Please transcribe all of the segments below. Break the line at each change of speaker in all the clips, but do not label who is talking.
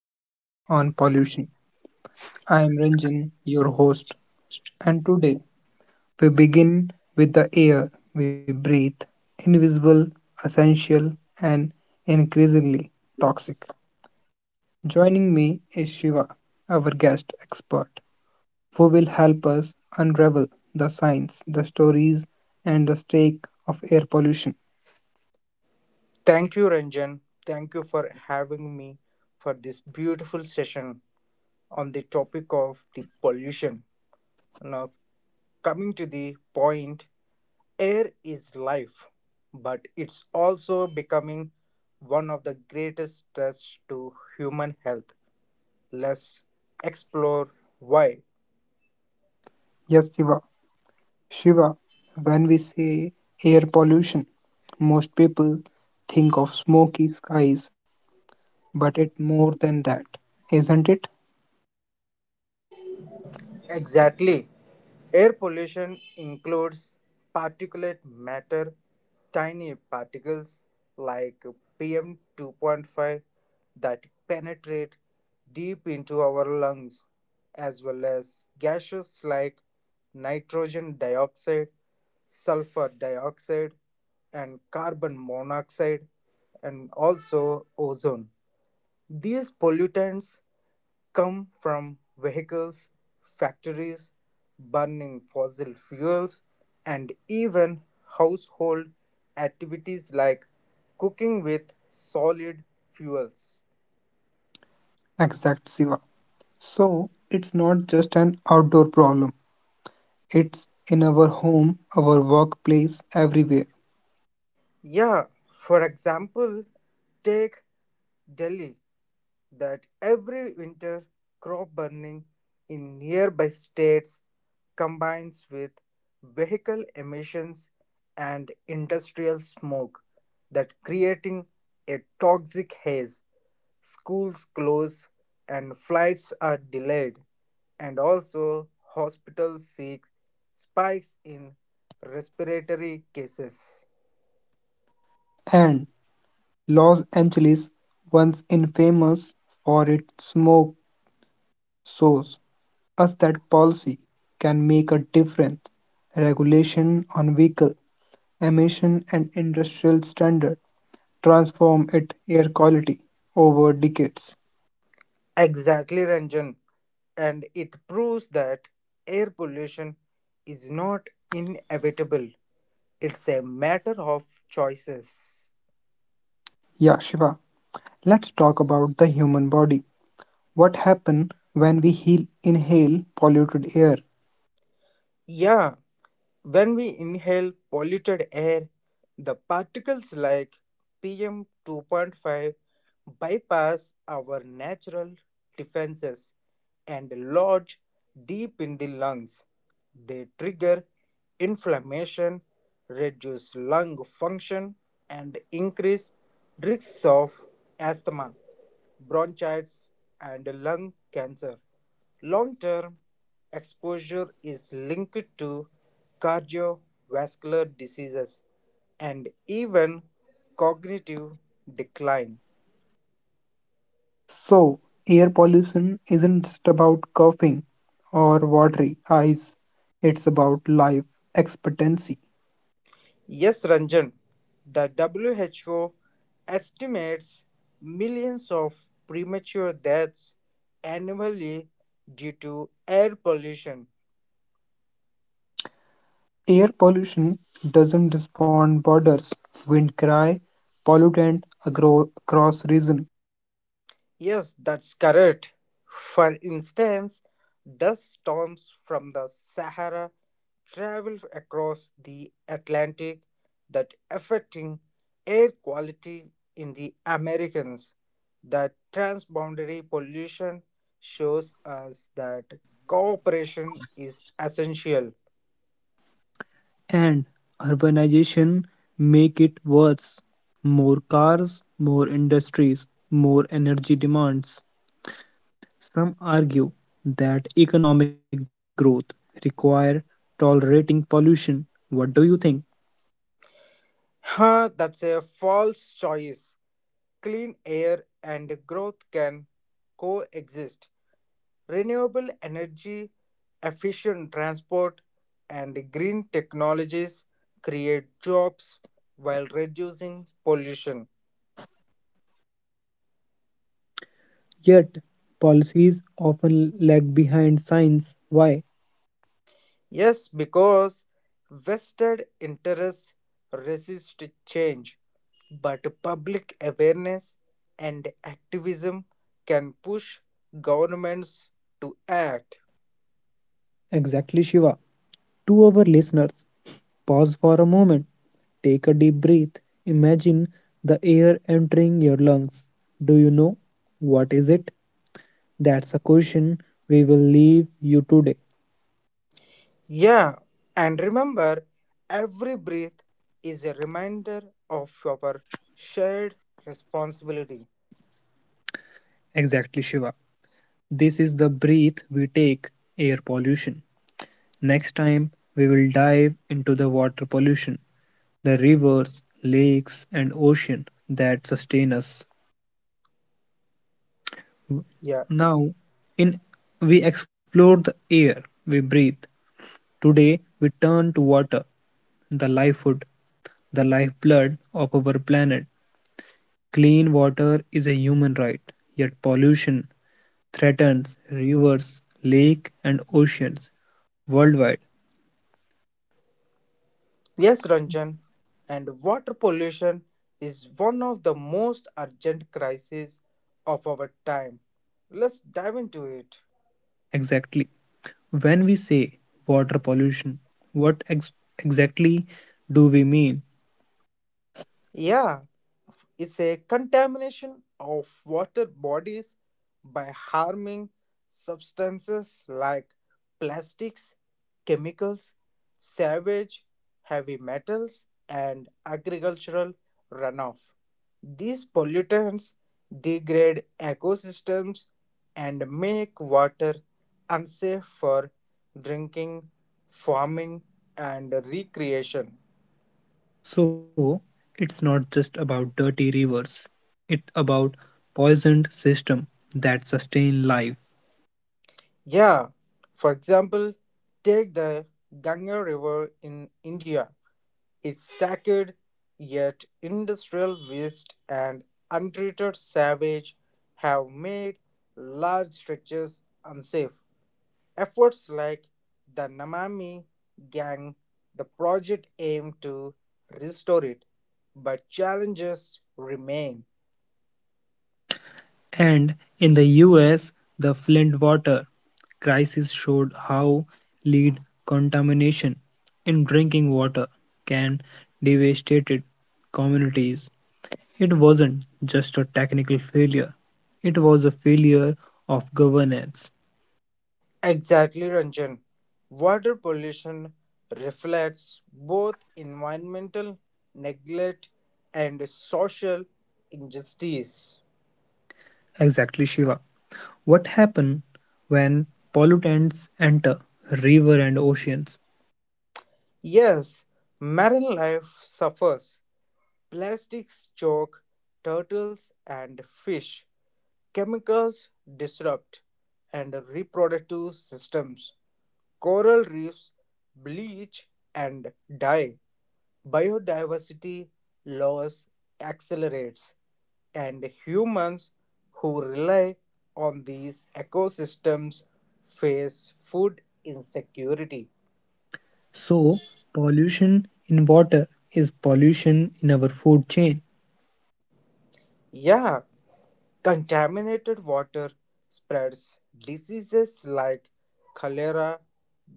our series on pollution. I am Ranjan, your host, and today we begin with the air we breathe, invisible, essential, and increasingly toxic. Joining me is Shiva, our guest expert, who will help us unravel the science, the stories, and the stake of air pollution.
Thank you, Ranjan. Thank you for having me for this beautiful session on the topic of the pollution. Now, coming to the point, air is life, but it's also becoming one of the greatest threats to human health. Let's explore why.
Yes, Shiva, when we say air pollution, most people think of smoky skies, but it's more than that, isn't it?
Exactly. Air pollution includes particulate matter, tiny particles like PM 2.5 that penetrate deep into our lungs, as well as gaseous like nitrogen dioxide, sulfur dioxide, and carbon monoxide, and also ozone. These pollutants come from vehicles, factories, burning fossil fuels, and even household activities like cooking with solid fuels.
Exact, Shiva. So, it's not just an outdoor problem, it's in our home, our workplace, everywhere.
Yeah, for example, take Delhi. That every winter crop burning in nearby states combines with vehicle emissions and industrial smoke that creating a toxic haze, schools close and flights are delayed, and also hospitals see spikes in respiratory cases.
And Los Angeles, once infamous for its smoke, shows us that policy can make a difference. Regulation on vehicles emission and industrial standard transform its air quality over decades.
Exactly, Ranjan, and it proves that air pollution is not inevitable, it's a matter of choices.
Yeah, Shiva, let's talk about the human body. What happens when inhale polluted air?
Yeah, when we inhale polluted air, the particles like PM 2.5 bypass our natural defenses and lodge deep in the lungs. They trigger inflammation, reduce lung function, and increase risks of asthma, bronchitis, and lung cancer. Long-term exposure is linked to cardiovascular diseases and even cognitive decline.
So, air pollution isn't just about coughing or watery eyes, it's about life expectancy.
Yes, Ranjan, the WHO estimates millions of premature deaths annually due to air pollution.
Air pollution doesn't respond borders, wind cry, across region.
Yes, that's correct. For instance, dust storms from the Sahara travel across the Atlantic that affecting air quality in the Americans. The transboundary pollution shows us that cooperation is essential.
And urbanization make it worse. More cars, more industries, more energy demands. Some argue that economic growth require tolerating pollution. What do you think?
That's a false choice. Clean air and growth can coexist. Renewable energy, efficient transport, and green technologies create jobs while reducing pollution.
Yet, policies often lag behind science. Why?
Yes, because vested interests resist change, but public awareness and activism can push governments to act.
Exactly, Shiva. To our listeners, pause for a moment. Take a deep breath. Imagine the air entering your lungs. Do you know what is it? That's a question we will leave you today.
Yeah, and remember, every breath is a reminder of our shared responsibility.
Exactly, Shiva. This is the breath we take, air pollution. Next time, we will dive into the water pollution, the rivers, lakes, and ocean that sustain us.
Yeah,
Now, in we explored the air we breathe. Today, we turn to water, the lifehood, the lifeblood of our planet. Clean water is a human right, yet pollution threatens rivers, lakes, and oceans worldwide.
yes, Ranjan. And water pollution is one of the most urgent crises of our time. Let's dive into it.
Exactly. When we say water pollution, what exactly do we mean?
Yeah, is a contamination of water bodies by harming substances like plastics, chemicals, sewage, heavy metals, and agricultural runoff. These pollutants degrade ecosystems and make water unsafe for drinking, farming, and recreation.
So, it's not just about dirty rivers. It's about poisoned system that sustain life.
Yeah, for example, take the Ganga River in India. It's sacred, yet industrial waste and untreated savage have made large stretches unsafe. Efforts like the Namami Gang, the project aimed to restore it, but challenges remain.
And in the US, the Flint water crisis showed how lead contamination in drinking water can devastate communities. It wasn't just a technical failure, it was a failure of governance.
Exactly, Ranjan. Water pollution reflects both environmental neglect and social injustice.
Exactly, Shiva. What happens when pollutants enter river and oceans?
Yes, marine life suffers. Plastics choke turtles and fish. Chemicals disrupt and reproductive systems. Coral reefs bleach and die. Biodiversity loss accelerates, and humans who rely on these ecosystems face food insecurity.
So, pollution in water is pollution in our food chain.
Yeah, contaminated water spreads diseases like cholera,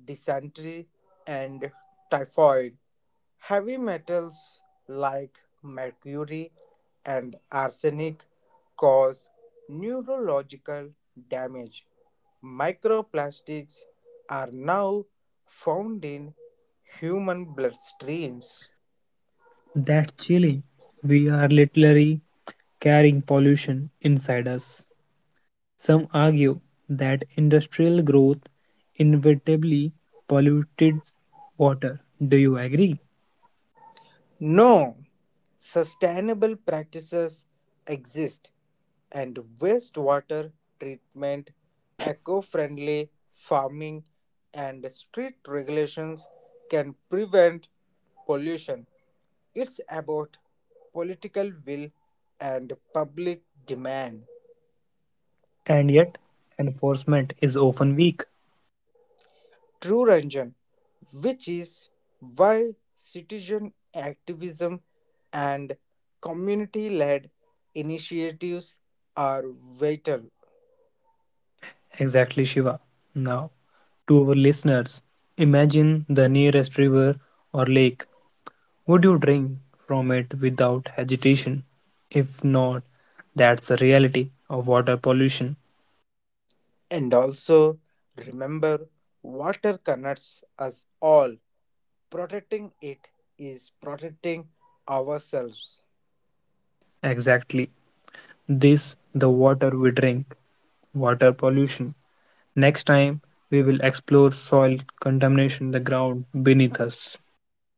dysentery, and typhoid. Heavy metals like mercury and arsenic cause neurological damage. Microplastics are now found in human bloodstreams.
That's chilling. We are literally carrying pollution inside us. Some argue that industrial growth inevitably polluted water. Do you agree?
No, sustainable practices exist, and wastewater treatment, eco friendly farming, and strict regulations can prevent pollution. It's about political will and public demand.
And yet, enforcement is often weak.
True, Ranjan, which is why citizen activism and community led initiatives are vital.
Exactly, Shiva. Now, to our listeners, imagine the nearest river or lake. Would you drink from it without hesitation? If not, that's the reality of water pollution.
And also remember, water connects us all. Protecting it is protecting ourselves.
Exactly. This, the water we drink, water pollution. Next time, we will explore soil contamination, the ground beneath us.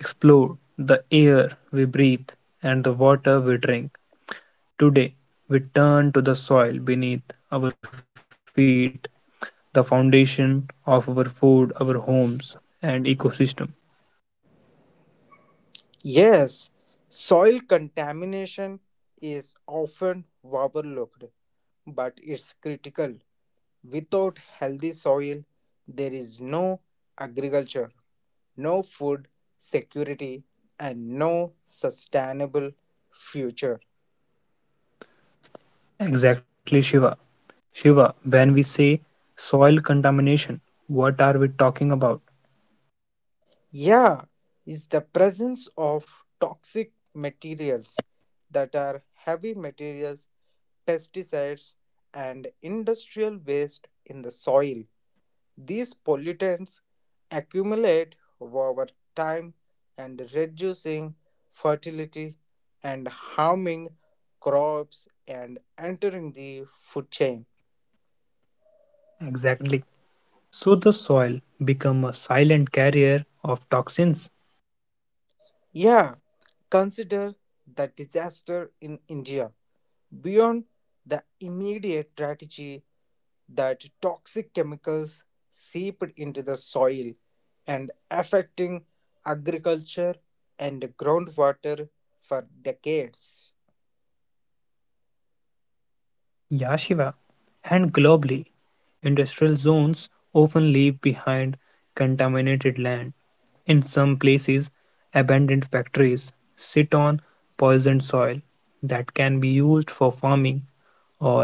We have explored the air we breathe and the water we drink. Today, we turn to the soil beneath our feet, the foundation of our food, our homes, and ecosystem.
Yes, soil contamination is often overlooked, but it's critical. Without healthy soil, there is no agriculture, no food security, and no sustainable future.
Exactly, Shiva. Shiva, when we say soil contamination, what are we talking about?
Yeah, is the presence of toxic materials that are heavy materials, pesticides, and industrial waste in the soil. These pollutants accumulate over time and reducing fertility and harming crops and entering the food chain.
Exactly. So the soil become a silent carrier of toxins.
Yeah, consider the disaster in India. Beyond the immediate tragedy, that toxic chemicals seeped into the soil and affecting agriculture and groundwater for decades.
Yeah, Shiva. And globally, industrial zones often leave behind contaminated land. In some places, abandoned factories sit on poisoned soil that can be used for farming or housing.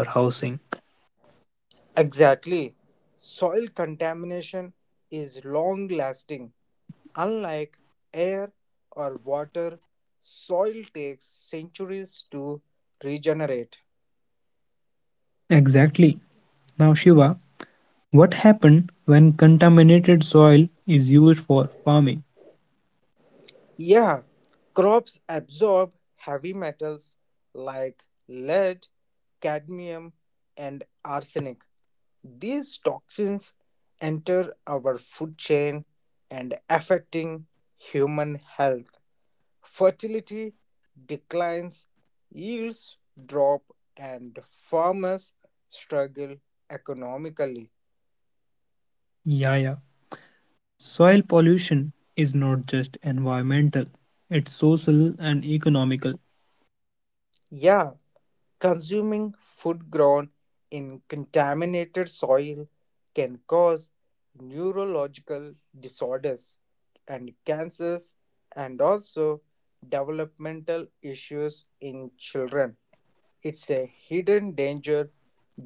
Exactly. Soil contamination is long lasting. Unlike air or water, soil takes centuries to regenerate.
Exactly. Now, Shiva, what happens when contaminated soil is used for farming?
Yeah, crops absorb heavy metals like lead, cadmium, and arsenic. These toxins enter our food chain and affecting human health. Fertility declines, yields drop, and farmers struggle economically.
Yeah, yeah. Soil pollution is not just environmental, it's social and economical.
Yeah, consuming food grown in contaminated soil can cause neurological disorders and cancers and also developmental issues in children. It's a hidden danger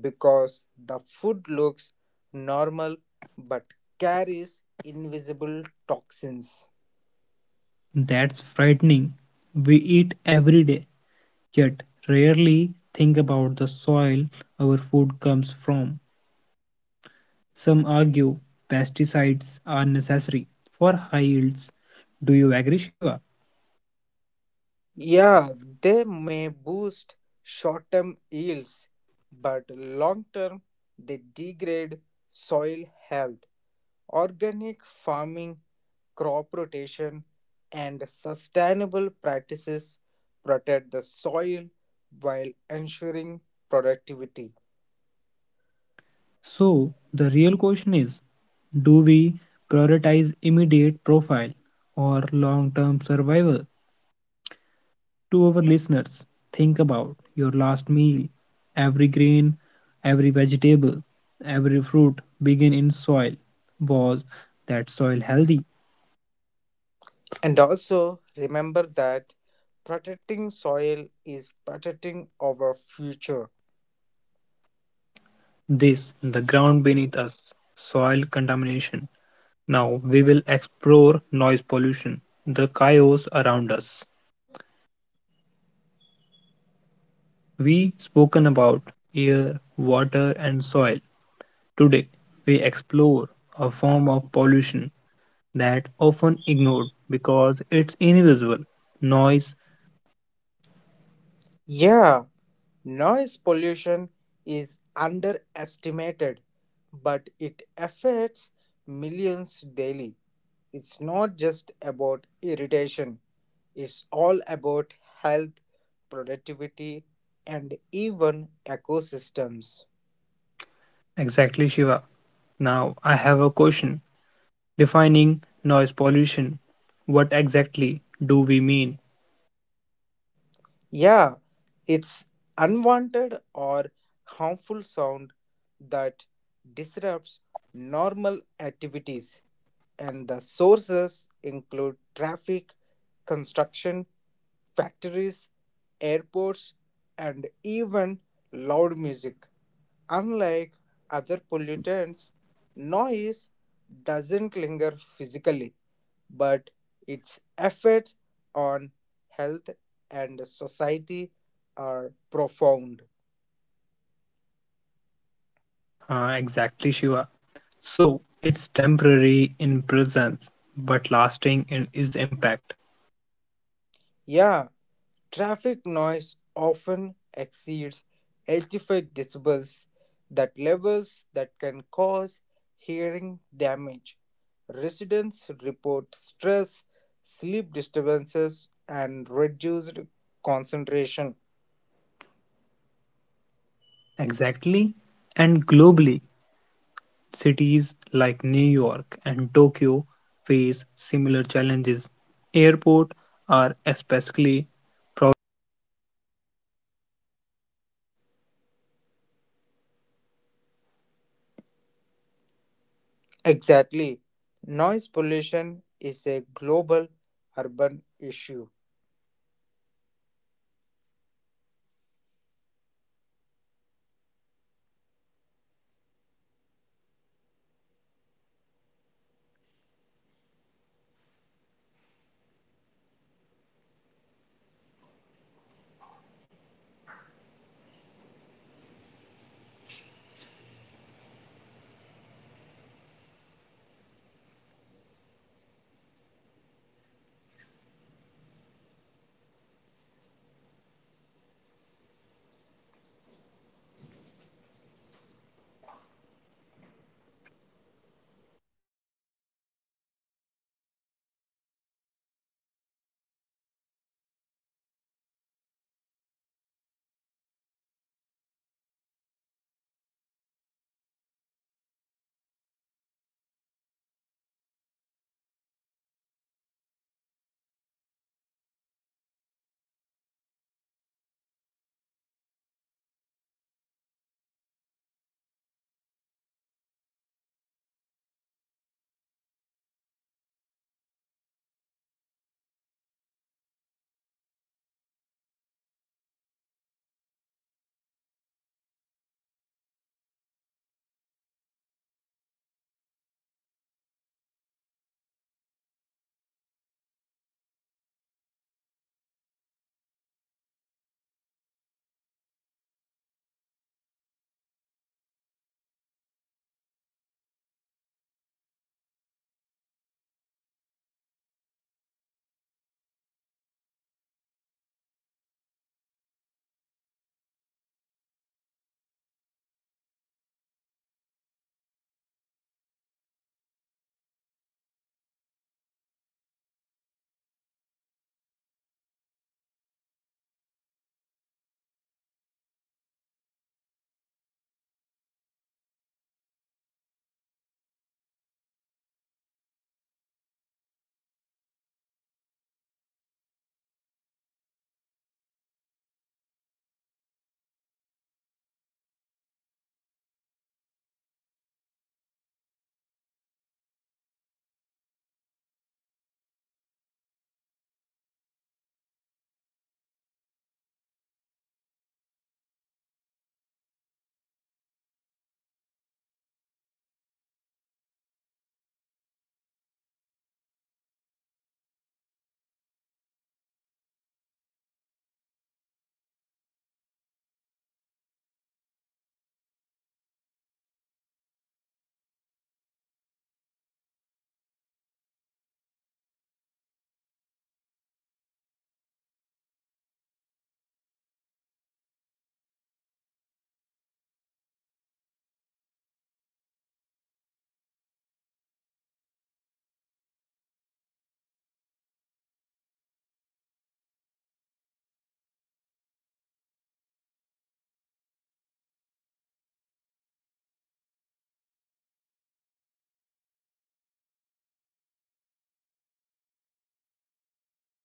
because the food looks normal but carries invisible toxins.
That's frightening. We eat every day, yet rarely think about the soil our food comes from. Some argue pesticides are necessary for high yields. Do you agree, Shiva?
Yeah, they may boost short term yields, but long term they degrade soil health. Organic farming, crop rotation, and sustainable practices protect the soil while ensuring productivity.
So, the real question is do we prioritize immediate profile or long term survival? To our listeners, think about your last meal. Every grain, every vegetable, every fruit begin in soil. Was that soil healthy?
And also remember that protecting soil is protecting our future.
This, the ground beneath us, soil contamination. Now we will explore noise pollution, the chaos around us. We spoken about air, water and soil. Today we explore a form of pollution that often ignored because it's invisible. Noise
Yeah, noise pollution is underestimated, but it affects millions daily. It's not just about irritation, it's all about health, productivity, and even ecosystems.
exactly Shiva. Now I have a question defining noise pollution. What exactly do we mean?
Yeah, it's unwanted or harmful sound that disrupts normal activities, and the sources include traffic, construction, factories, airports, and even loud music. Unlike other pollutants, noise doesn't linger physically, but its effects on health and society are profound.
Exactly Shiva. So it's temporary in presence but lasting in its impact.
Yeah, traffic noise often exceeds 85 decibels, that levels that can cause hearing damage. Residents report stress, sleep disturbances, and reduced concentration.
Exactly. And globally, cities like New York and Tokyo face similar challenges. Airports are especially problematic with constant aircraft noise affecting nearby communities.
Exactly. Noise pollution is a global
What happens
urban
when
issue.
people are exposed to chronic noise? Noise trigger stress hormones, raise blood pressure, and increase risk of heart disease. It disrupts sleep cycle, leading to fatigue and reduced reproductive children exposed to noise, so impaired learning and memory. So, noise pollution is not just annoying, it's dangerous. Animals rely on sound for communication, navigation, and survival. Noise disrupts these signals. For example, Whale and dolphins struggle with sonar interference from ships. Bird is noisy cities alter these songs affecting mating with and survival. That's a fascinating pollution reshaping nature language. Some argue noise is inevitable in modern life. Do you? Not entirely. Urban planning, noise barriers, and stricter regulation can reduce exposure. Technology can help quieter engines, better insulation, and smart city design, which is why education and activism are essential. This is the noise around us, noise pollution. Now, we will conclude with solution and policies, the path forward. We have journeyed through the air we breathe, the water we drink, the soil beneath us, and the noise around us. Today, we conclude the solution, the path forwarding. Renewable energy is the key solar, wind, hydro, and geothermal reduce emissions drastically. Electric vehicle, smart grids, and energy efficient appliance all contribute technology is not the barrier adoption is. So the challenge is scaling and affordably. Exactly. Policies that incentivize clean energy makes the difference. Waste is another major source of pollution. What solution exist. Segregation at source, recycling, composting, and circular economic model. Instead of treating waste as garbage, we treat it as a resource. Cities like San Francisco have achieved high recycling rates through strong policies and communities participants and plastic pollution biodegradable alternative bans on single-use plastic and innovation like plastic eating enzymes but again enforcement is crucial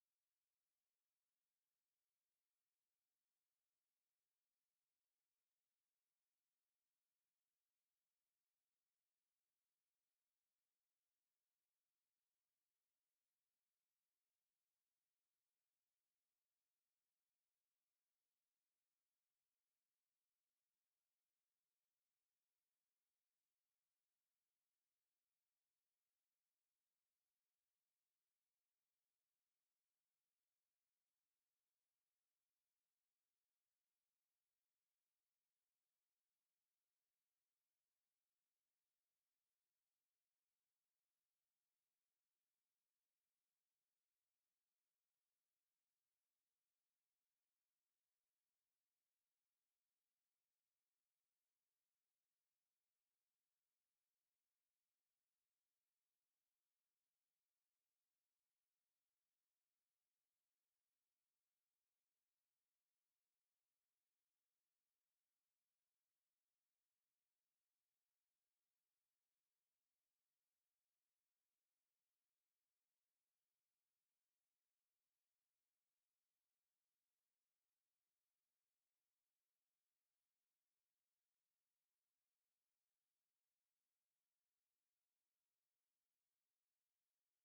policies often lag behind science how do we bridge that gap international agreements like the Paris accord set target, but local governance matter too. Strong environmental laws, strict enforcement, and transparent monitoring system are essential. Public participation keep governings accountable. So, democracy and environment are intertwined. Without citizen pressure, policies remain on paper. Some says individual can't make a difference. Do you agree? Not at all. Individual action, reducing waste, conserving energy, choosing sustainable products, and adds up. More importantly, individuals influence culture. When communities adopt eco-friendly practice, industries and governance follow. This is the part forward, solution and policy. With this, we conclude our series on pollution. Thank you for joining us on this journey. Together, we can imagine or build a cleaner, a healthier world. Thank you.